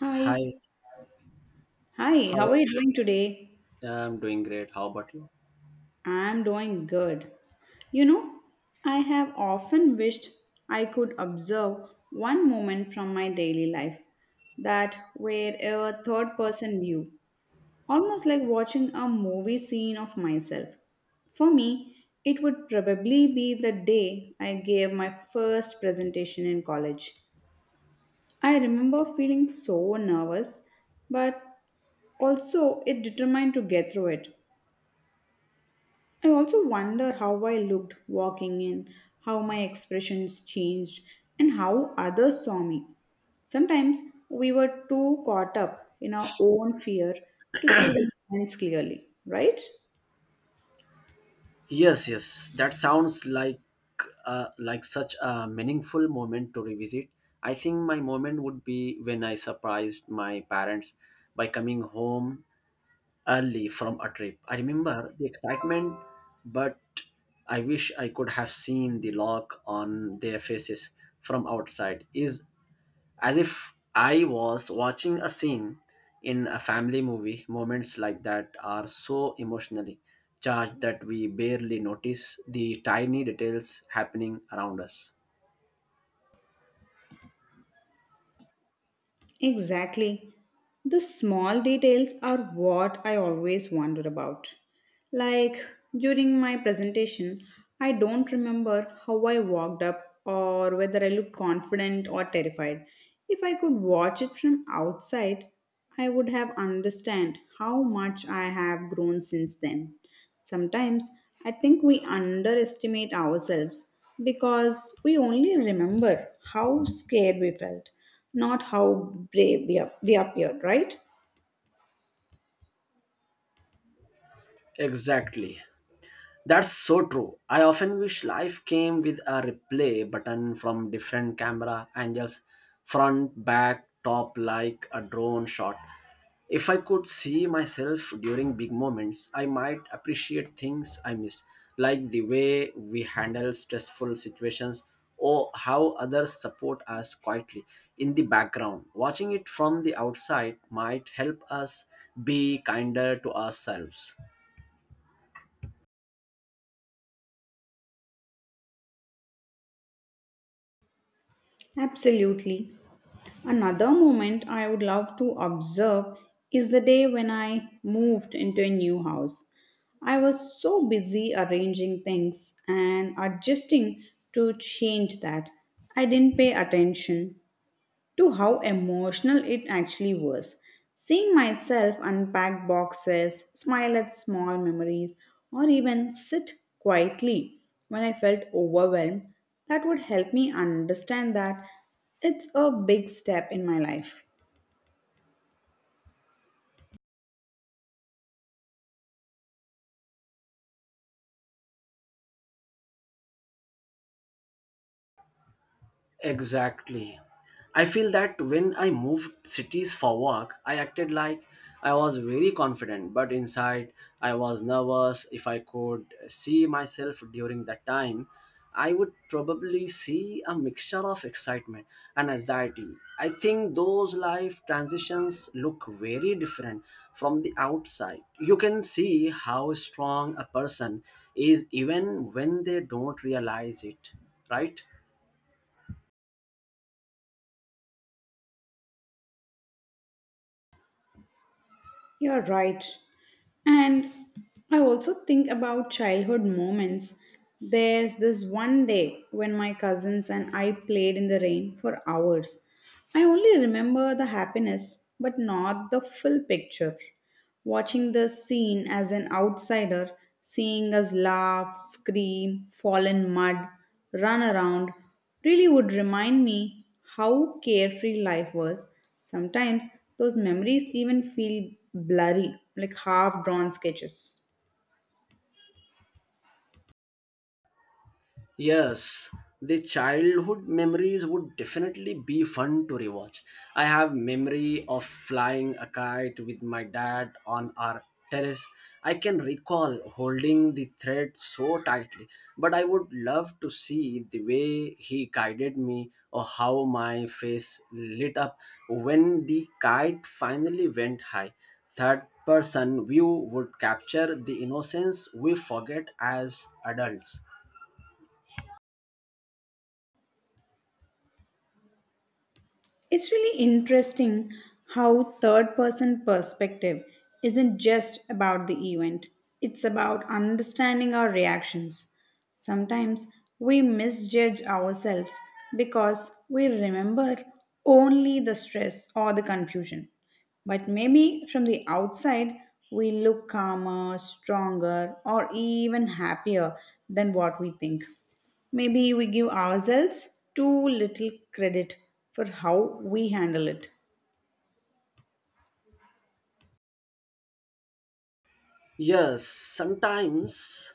Hi. Hi, Hi, how how are you doing today? are I'm doing great. How about you? I'm doing good. You know, I have often wished I could observe one moment from my daily life that were a third person view, almost like watching a movie scene of myself. For me, it would probably be the day I gave my first presentation in college. I remember feeling so nervous, but also it determined to get through it. I also wonder how I looked walking in, how my expressions changed, and how others saw me. Sometimes we were too caught up in our own fear to see the signs clearly, right? Yes. That sounds like such a meaningful moment to revisit. I think my moment would be when I surprised my parents by coming home early from a trip. I remember the excitement, but I wish I could have seen the look on their faces from outside. Is As if I was watching a scene in a family movie. Moments like that are so emotionally charged that we barely notice the tiny details happening around us. Exactly. The small details are what I always wondered about. Like during my presentation, I don't remember how I walked up or whether I looked confident or terrified. If I could watch it from outside, I would have understand how much I have grown since then. Sometimes I think we underestimate ourselves because we only remember how scared we felt, not how brave we appeared, right? Exactly. That's so true. I often wish life came with a replay button from different camera angles, front, back, top, like a drone shot. If I could see myself during big moments, I might appreciate things I missed, like the way we handle stressful situations or how others support us quietly in the background. Watching it from the outside might help us be kinder to ourselves. Absolutely. Another moment I would love to observe is the day when I moved into a new house. I was so busy arranging things and adjusting to change that I didn't pay attention to how emotional it actually was. Seeing myself unpack boxes, smile at small memories, or even sit quietly when I felt overwhelmed, that would help me understand that it's a big step in my life. Exactly. I feel that when I moved cities for work, I acted like I was very confident, but inside I was nervous. If I could see myself during that time, I would probably see a mixture of excitement and anxiety. I think those life transitions look very different from the outside. You can see how strong a person is even when they don't realize it, right? You're right. And I also think about childhood moments. There's this one day when my cousins and I played in the rain for hours. I only remember the happiness, but not the full picture. Watching the scene as an outsider, seeing us laugh, scream, fall in mud, run around, really would remind me how carefree life was. Sometimes those memories even feel blurry, like half drawn sketches. Yes, the childhood memories would definitely be fun to rewatch. I have memory of flying a kite with my dad on our terrace. I can recall holding the thread so tightly, but I would love to see the way he guided me or how my face lit up when the kite finally went high. Third person view would capture the innocence we forget as adults. It's really interesting how third person perspective isn't just about the event, it's about understanding our reactions. Sometimes we misjudge ourselves because we remember only the stress or the confusion. But maybe from the outside, we look calmer, stronger, or even happier than what we think. Maybe we give ourselves too little credit for how we handle it. Yes, sometimes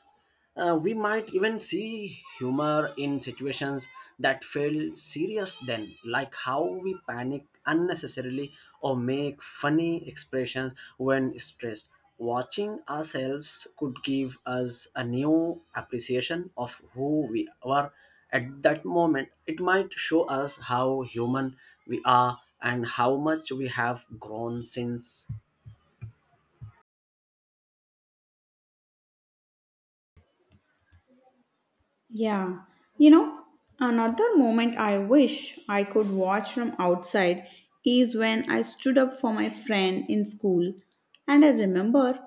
we might even see humor in situations that feel serious, then, like how we panic unnecessarily or make funny expressions when stressed. Watching ourselves could give us a new appreciation of who we were at that moment. It might show us how human we are and how much we have grown since. Yeah. You know, another moment I wish I could watch from outside is when I stood up for my friend in school. And I remember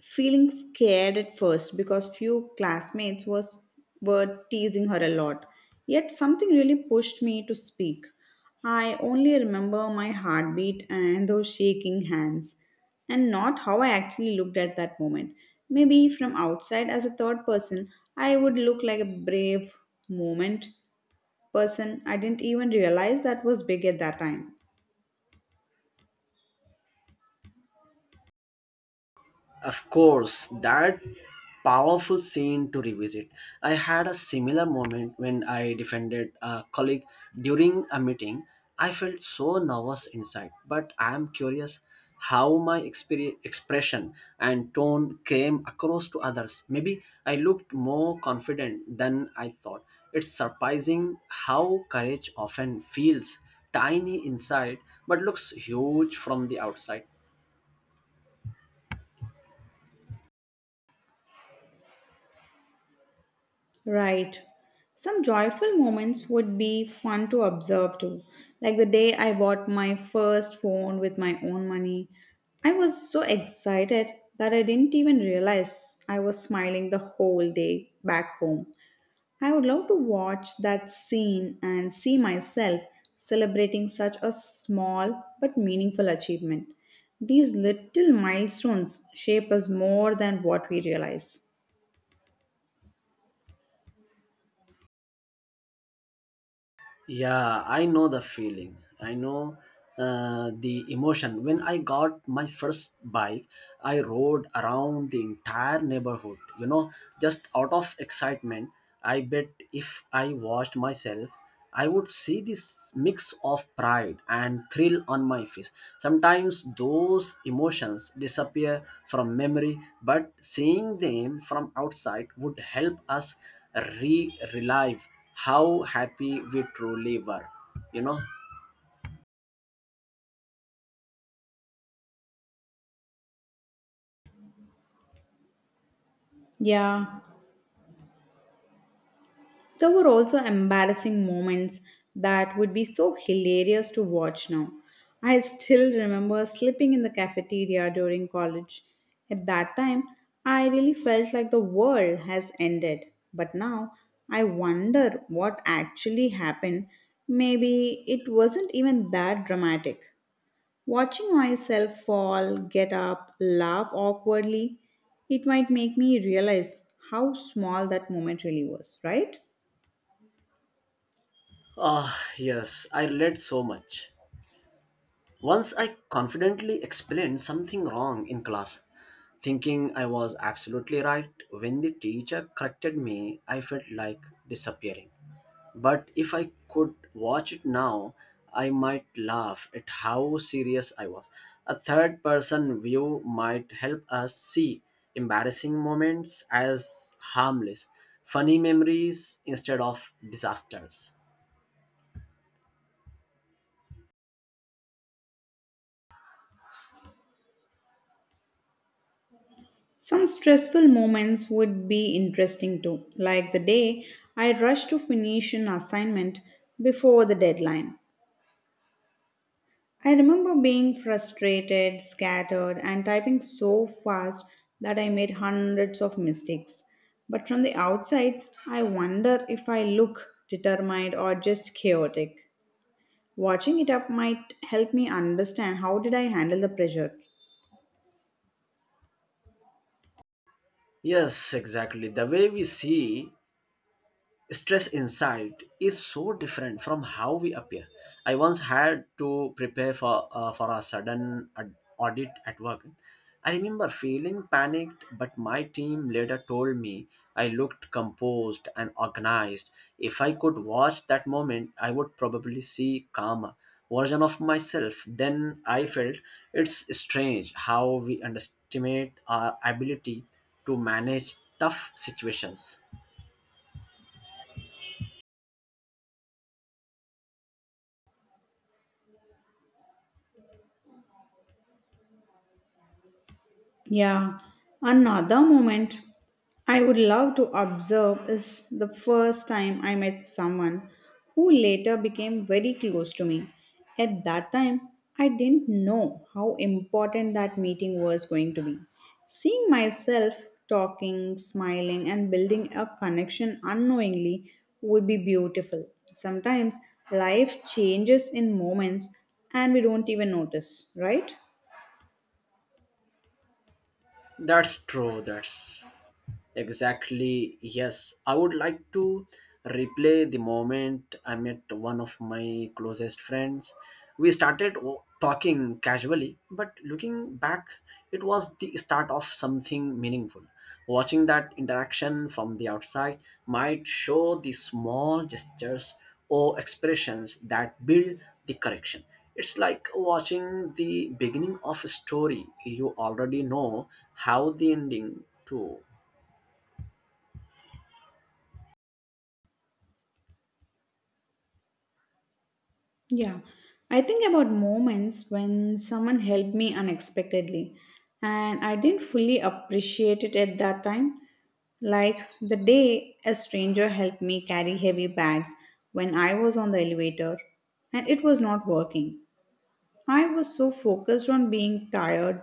feeling scared at first because few classmates was were teasing her a lot, yet something really pushed me to speak. I only remember my heartbeat and those shaking hands, and not how I actually looked at that moment. Maybe from outside as a third person, I would look like a brave moment person. I didn't even realize that was big at that time. Of course, that powerful scene to revisit. I had a similar moment when I defended a colleague during a meeting. I felt so nervous inside, but I am curious how my expression and tone came across to others. Maybe I looked more confident than I thought. It's surprising how courage often feels tiny inside but looks huge from the outside. Right. Some joyful moments would be fun to observe too. Like the day I bought my first phone with my own money. I was so excited that I didn't even realize I was smiling the whole day back home. I would love to watch that scene and see myself celebrating such a small but meaningful achievement. These little milestones shape us more than what we realize. Yeah, I know the feeling. I know the emotion. When I got my first bike, I rode around the entire neighborhood, you know, just out of excitement. I bet if I watched myself, I would see this mix of pride and thrill on my face. Sometimes those emotions disappear from memory, but seeing them from outside would help us re relive how happy we truly were you know Yeah, there were also embarrassing moments that would be so hilarious to watch now. I still remember slipping in the cafeteria during college. At that time, I really felt like the world has ended. But now, I wonder what actually happened. Maybe it wasn't even that dramatic. Watching myself fall, get up, laugh awkwardly, it might make me realize how small that moment really was, right? ah, yes, I relate so much. Once I confidently explained something wrong in class, thinking I was absolutely right. When the teacher corrected me, I felt like disappearing. But if I could watch it now, I might laugh at how serious I was. A third person view might help us see embarrassing moments as harmless, funny memories instead of disasters. Some stressful moments would be interesting too, like the day I rushed to finish an assignment before the deadline. I remember being frustrated, scattered, and typing so fast that I made hundreds of mistakes. But from the outside, I wonder if I look determined or just chaotic. Watching it up might help me understand how did I handle the pressure. Yes, exactly. The way we see stress inside is so different from how we appear. I once had to prepare for a sudden audit at work. I remember feeling panicked, but my team later told me I looked composed and organized. If I could watch that moment, I would probably see calmer version of myself. Then I felt it's strange how we underestimate our ability to manage tough situations. Yeah, another moment I would love to observe is the first time I met someone who later became very close to me. At that time, I didn't know how important that meeting was going to be. Seeing myself talking, smiling, and building a connection unknowingly would be beautiful. Sometimes life changes in moments and we don't even notice, right? That's true. That's Exactly, yes. I would like to replay the moment I met one of my closest friends. We started talking casually, but looking back, it was the start of something meaningful. Watching that interaction from the outside might show the small gestures or expressions that build the correction. It's like watching the beginning of a story you already know how the ending to. Yeah, I think about moments when someone helped me unexpectedly and I didn't fully appreciate it at that time. Like the day a stranger helped me carry heavy bags when I was on the elevator and it was not working. I was so focused on being tired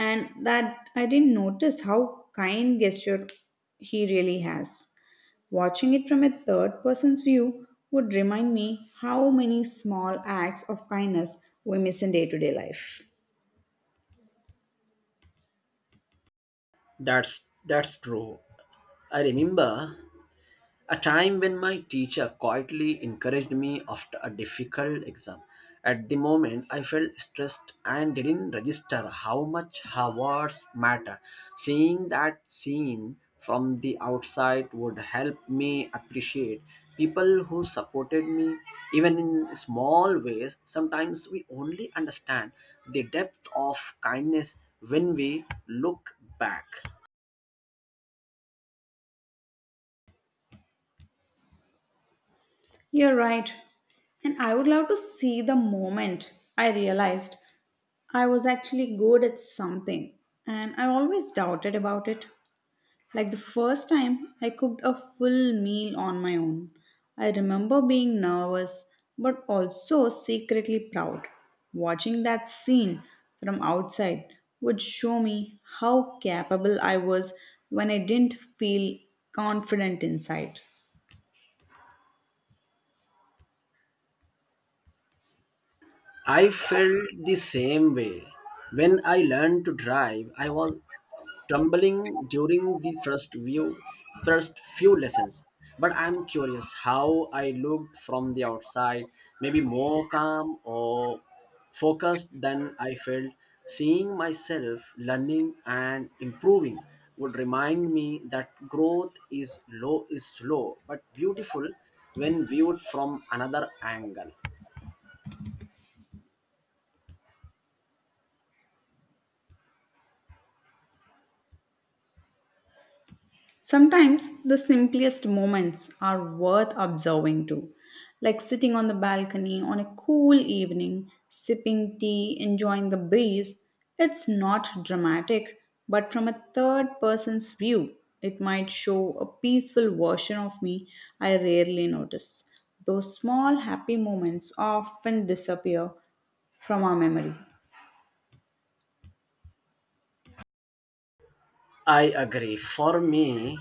and that I didn't notice how kind gesture he really has. Watching it from a third person's view would remind me how many small acts of kindness we miss in day to day life. That's true. I remember a time when my teacher quietly encouraged me after a difficult exam. At the moment, I felt stressed and didn't register how much her words matter. Seeing that scene from the outside would help me appreciate people who supported me, even in small ways. Sometimes we only understand the depth of kindness when we look back. You're right. And I would love to see the moment I realized I was actually good at something and I always doubted about it. Like the first time I cooked a full meal on my own, I remember being nervous but also secretly proud. Watching that scene from outside would show me how capable I was when I didn't feel confident inside. I felt the same way. When I learned to drive, I was stumbling during first few lessons. But I'm curious how I looked from the outside, maybe more calm or focused than I felt. Seeing myself learning and improving would remind me that growth is slow but beautiful when viewed from another angle. Sometimes the simplest moments are worth observing too, like sitting on the balcony on a cool evening, sipping tea, enjoying the breeze. It's not dramatic, but from a third person's view, it might show a peaceful version of me I rarely notice. Those small happy moments often disappear from our memory. I agree. For me,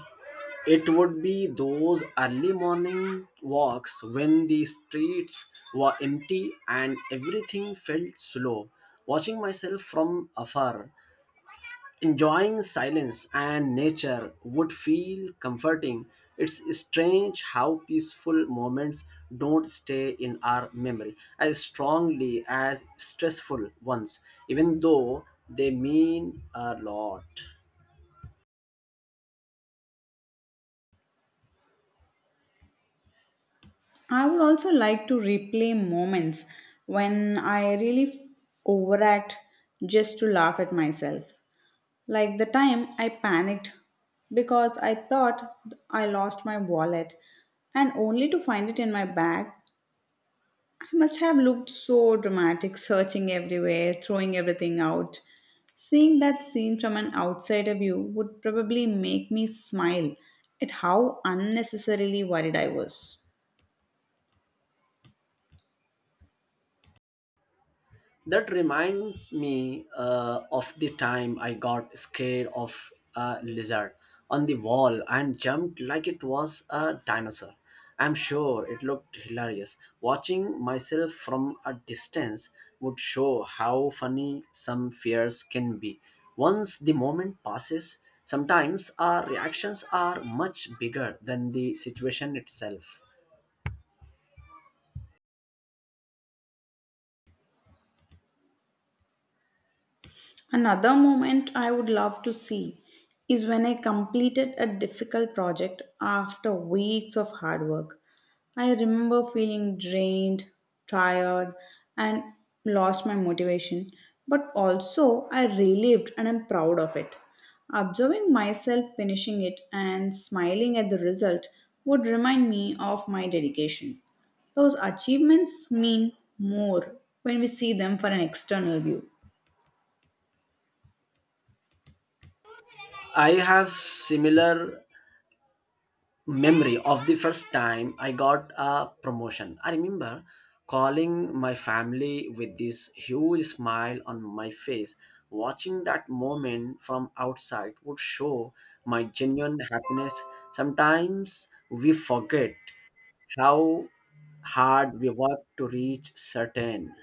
it would be those early morning walks when the streets were empty and everything felt slow. Watching myself from afar, enjoying silence and nature would feel comforting. It's strange how peaceful moments don't stay in our memory as strongly as stressful ones, even though they mean a lot. I would also like to replay moments when I really overact just to laugh at myself. Like the time I panicked because I thought I lost my wallet and only to find it in my bag. I must have looked so dramatic, searching everywhere, throwing everything out. Seeing that scene from an outsider view would probably make me smile at how unnecessarily worried I was. That reminds me of the time I got scared of a lizard on the wall and jumped like it was a dinosaur. I'm sure it looked hilarious. Watching myself from a distance would show how funny some fears can be. Once the moment passes, sometimes our reactions are much bigger than the situation itself. Another moment I would love to see is when I completed a difficult project after weeks of hard work. I remember feeling drained, tired, and lost my motivation, but also I relived and I'm proud of it. Observing myself finishing it and smiling at the result would remind me of my dedication. Those achievements mean more when we see them for an external view. I have similar memory of the first time I got a promotion. I remember calling my family with this huge smile on my face. Watching that moment from outside would show my genuine happiness. Sometimes we forget how hard we work to reach certain.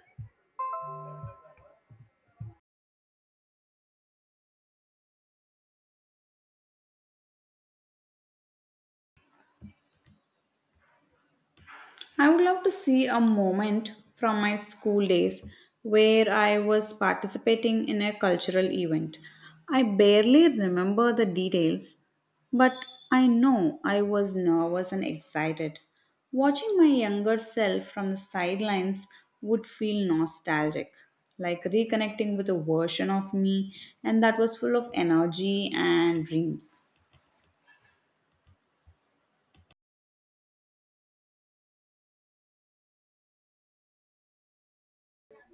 I would love to see a moment from my school days where I was participating in a cultural event. I barely remember the details, but I know I was nervous and excited. Watching my younger self from the sidelines would feel nostalgic, like reconnecting with a version of me, and that was full of energy and dreams.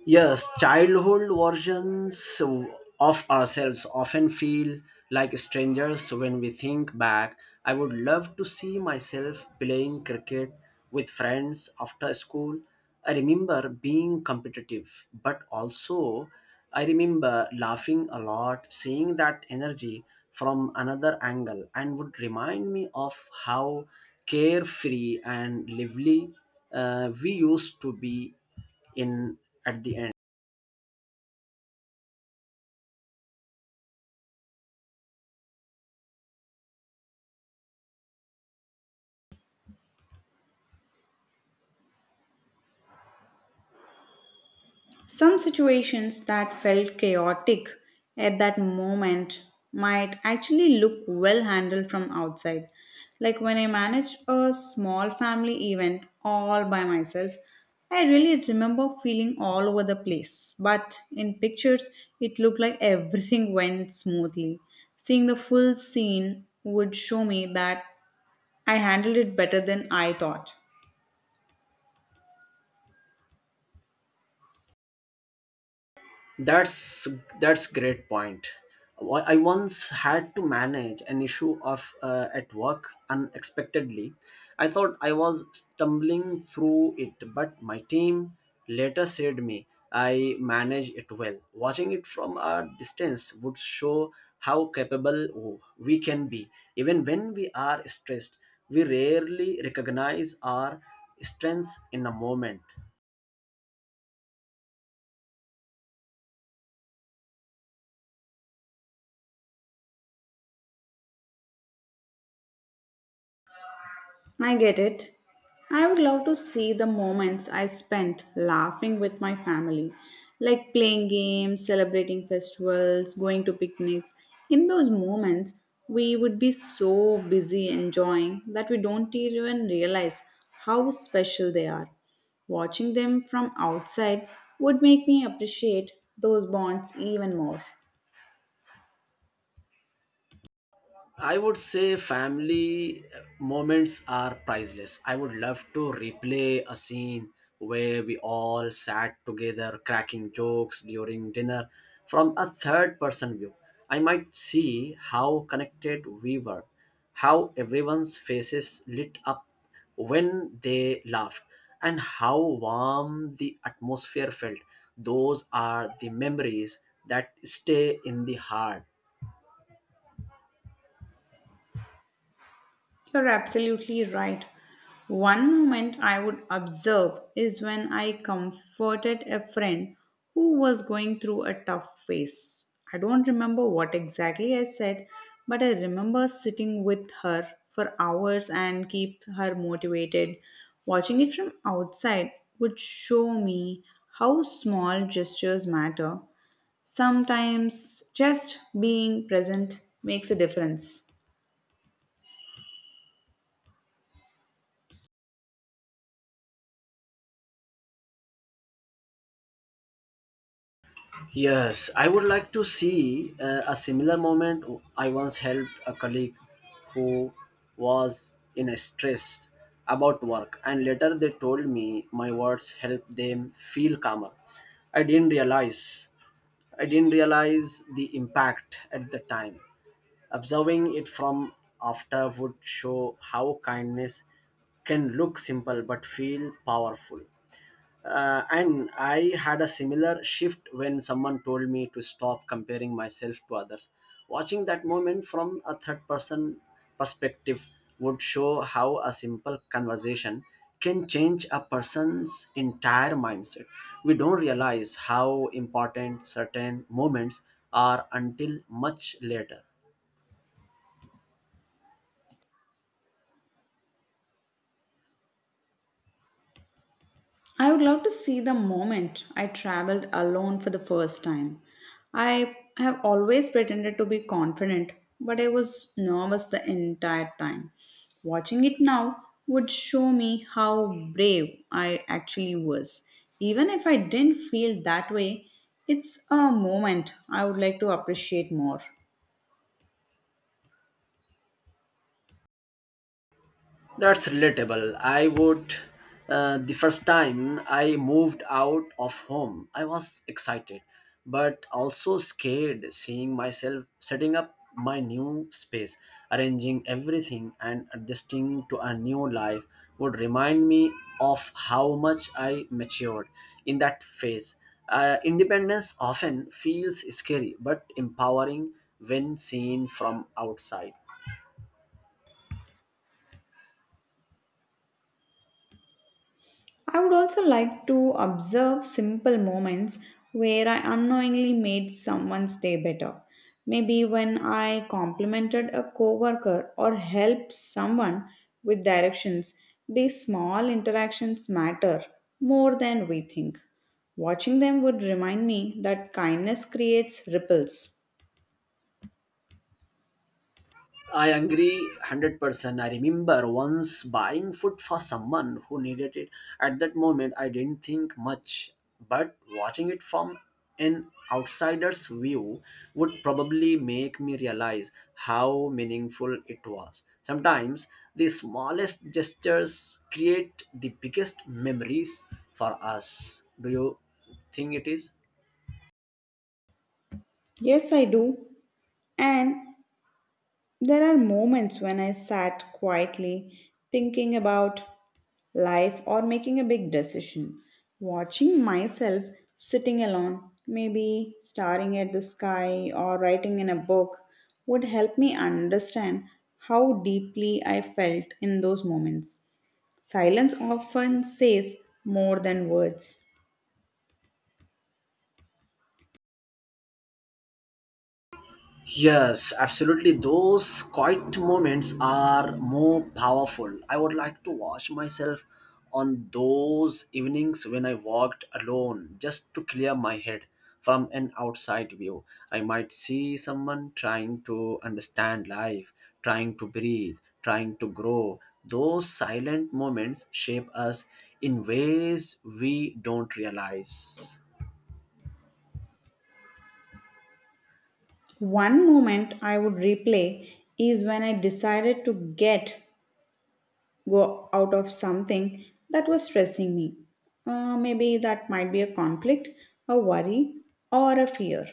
Yes, childhood versions of ourselves often feel like strangers when we think back. I would love to see myself playing cricket with friends after school. I remember being competitive, but also I remember laughing a lot, seeing that energy from another angle, and would remind me of how carefree and lively we used to be in at the end. Some situations that felt chaotic at that moment might actually look well handled from outside. Like when I managed a small family event all by myself, I really remember feeling all over the place. But in pictures, it looked like everything went smoothly. Seeing the full scene would show me that I handled it better than I thought. that's that's great point. I once had to manage an issue of at work unexpectedly. I thought I was stumbling through it, but my team later said me I managed it well. Watching it from a distance would show how capable we can be even when we are stressed. We rarely recognize our strengths in a moment. I get it. I would love to see the moments I spent laughing with my family, like playing games, celebrating festivals, going to picnics. In those moments, we would be so busy enjoying that we don't even realize how special they are. Watching them from outside would make me appreciate those bonds even more. I would say family moments are priceless. I would love to replay a scene where we all sat together cracking jokes during dinner from a third person view. I might see how connected we were, how everyone's faces lit up when they laughed, and how warm the atmosphere felt. Those are the memories that stay in the heart. You're absolutely right. One moment I would observe is when I comforted a friend who was going through a tough phase. I don't remember what exactly I said, but I remember sitting with her for hours and keep her motivated. Watching it from outside would show me how small gestures matter. Sometimes just being present makes a difference. Yes, I would like to see a similar moment. I once helped a colleague who was in a stress about work, and later they told me my words helped them feel calmer. I didn't realize. I didn't realize the impact at the time. Observing it from after would show how kindness can look simple but feel powerful. And I had a similar shift when someone told me to stop comparing myself to others. Watching that moment from a third person perspective would show how a simple conversation can change a person's entire mindset. We don't realize how important certain moments are until much later. I would love to see the moment I traveled alone for the first time. I have always pretended to be confident, but I was nervous the entire time. Watching it now would show me how brave I actually was. Even if I didn't feel that way, it's a moment I would like to appreciate more. That's relatable. I would. The first time I moved out of home, I was excited, but also scared seeing myself setting up my new space, arranging everything, and adjusting to a new life would remind me of how much I matured in that phase. Independence often feels scary but empowering when seen from outside. I would also like to observe simple moments where I unknowingly made someone's day better. Maybe when I complimented a coworker or helped someone with directions, these small interactions matter more than we think. Watching them would remind me that kindness creates ripples. I agree 100%. I remember once buying food for someone who needed it. At that moment, I didn't think much, but watching it from an outsider's view would probably make me realize how meaningful it was. Sometimes the smallest gestures create the biggest memories for us. Do you think it is? Yes, I do. And there are moments when I sat quietly thinking about life or making a big decision, watching myself sitting alone, maybe staring at the sky or writing in a book would help me understand how deeply I felt in those moments. Silence often says more than words. Yes, absolutely. Those quiet moments are more powerful. I would like to watch myself on those evenings when I walked alone just to clear my head from an outside view. I might see someone trying to understand life, trying to breathe, trying to grow. Those silent moments shape us in ways we don't realize. One moment I would replay is when I decided to get go out of something that was stressing me. Maybe that might be a conflict, a worry, or a fear.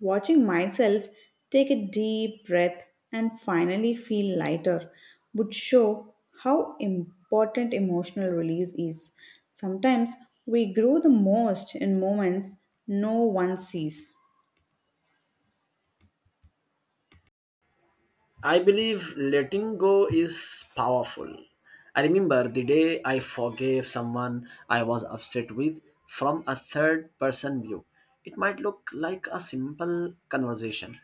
Watching myself take a deep breath and finally feel lighter would show how important emotional release is. Sometimes we grow the most in moments no one sees. I believe letting go is powerful. I remember the day I forgave someone I was upset with from a third person view. It might look like a simple conversation,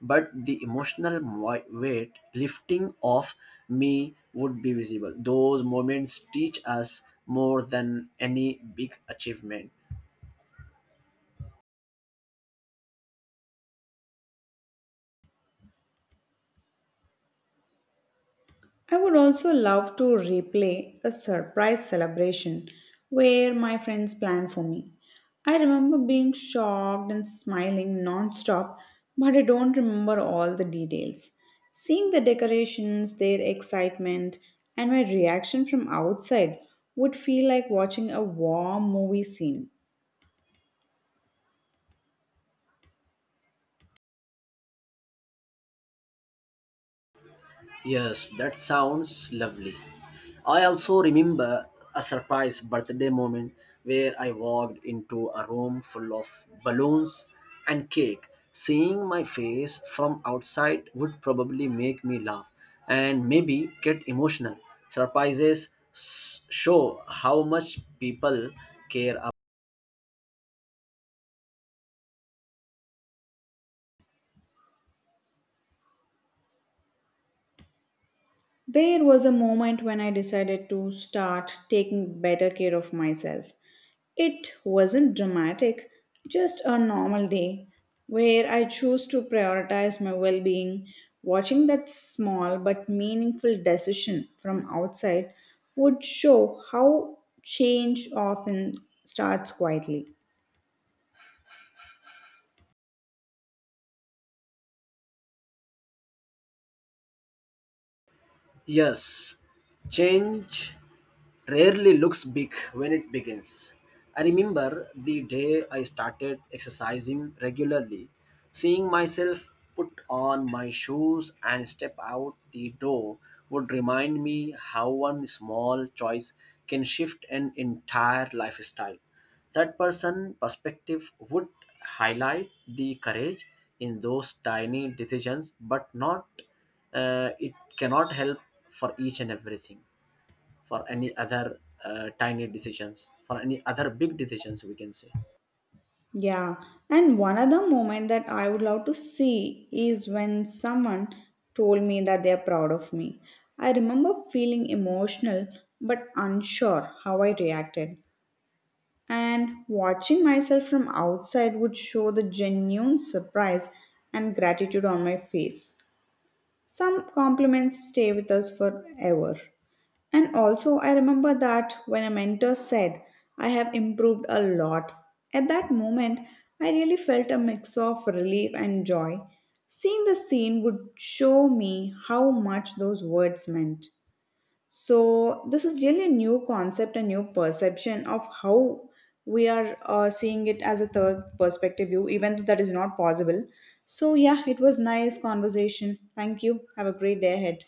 but the emotional weight lifting off me would be visible. Those moments teach us more than any big achievement. I would also love to replay a surprise celebration where my friends planned for me. I remember being shocked and smiling non-stop, but I don't remember all the details. Seeing the decorations, their excitement, and my reaction from outside would feel like watching a warm movie scene. Yes, that sounds lovely. I also remember a surprise birthday moment where I walked into a room full of balloons and cake. Seeing my face from outside would probably make me laugh and maybe get emotional. Surprises show how much people care. There was a moment when I decided to start taking better care of myself. It wasn't dramatic, just a normal day where I chose to prioritize my well being. Watching that small but meaningful decision from outside would show how change often starts quietly. Yes, change rarely looks big when it begins. I remember the day I started exercising regularly, seeing myself put on my shoes and step out the door would remind me how one small choice can shift an entire lifestyle. Third person perspective would highlight the courage in those tiny decisions, but not it cannot help for each and everything, for any other tiny decisions, for any other big decisions, we can say. Yeah, and one other moment that I would love to see is when someone told me that they are proud of me. I remember feeling emotional but unsure how I reacted, and watching myself from outside would show the genuine surprise and gratitude on my face. Some compliments stay with us forever. And also, I remember that when a mentor said, I have improved a lot, at that moment, I really felt a mix of relief and joy. Seeing the scene would show me how much those words meant. So, this is really a new concept, a new perception of how we are seeing it as a third perspective view, even though that is not possible. So, yeah, it was nice conversation. Thank you. Have a great day ahead.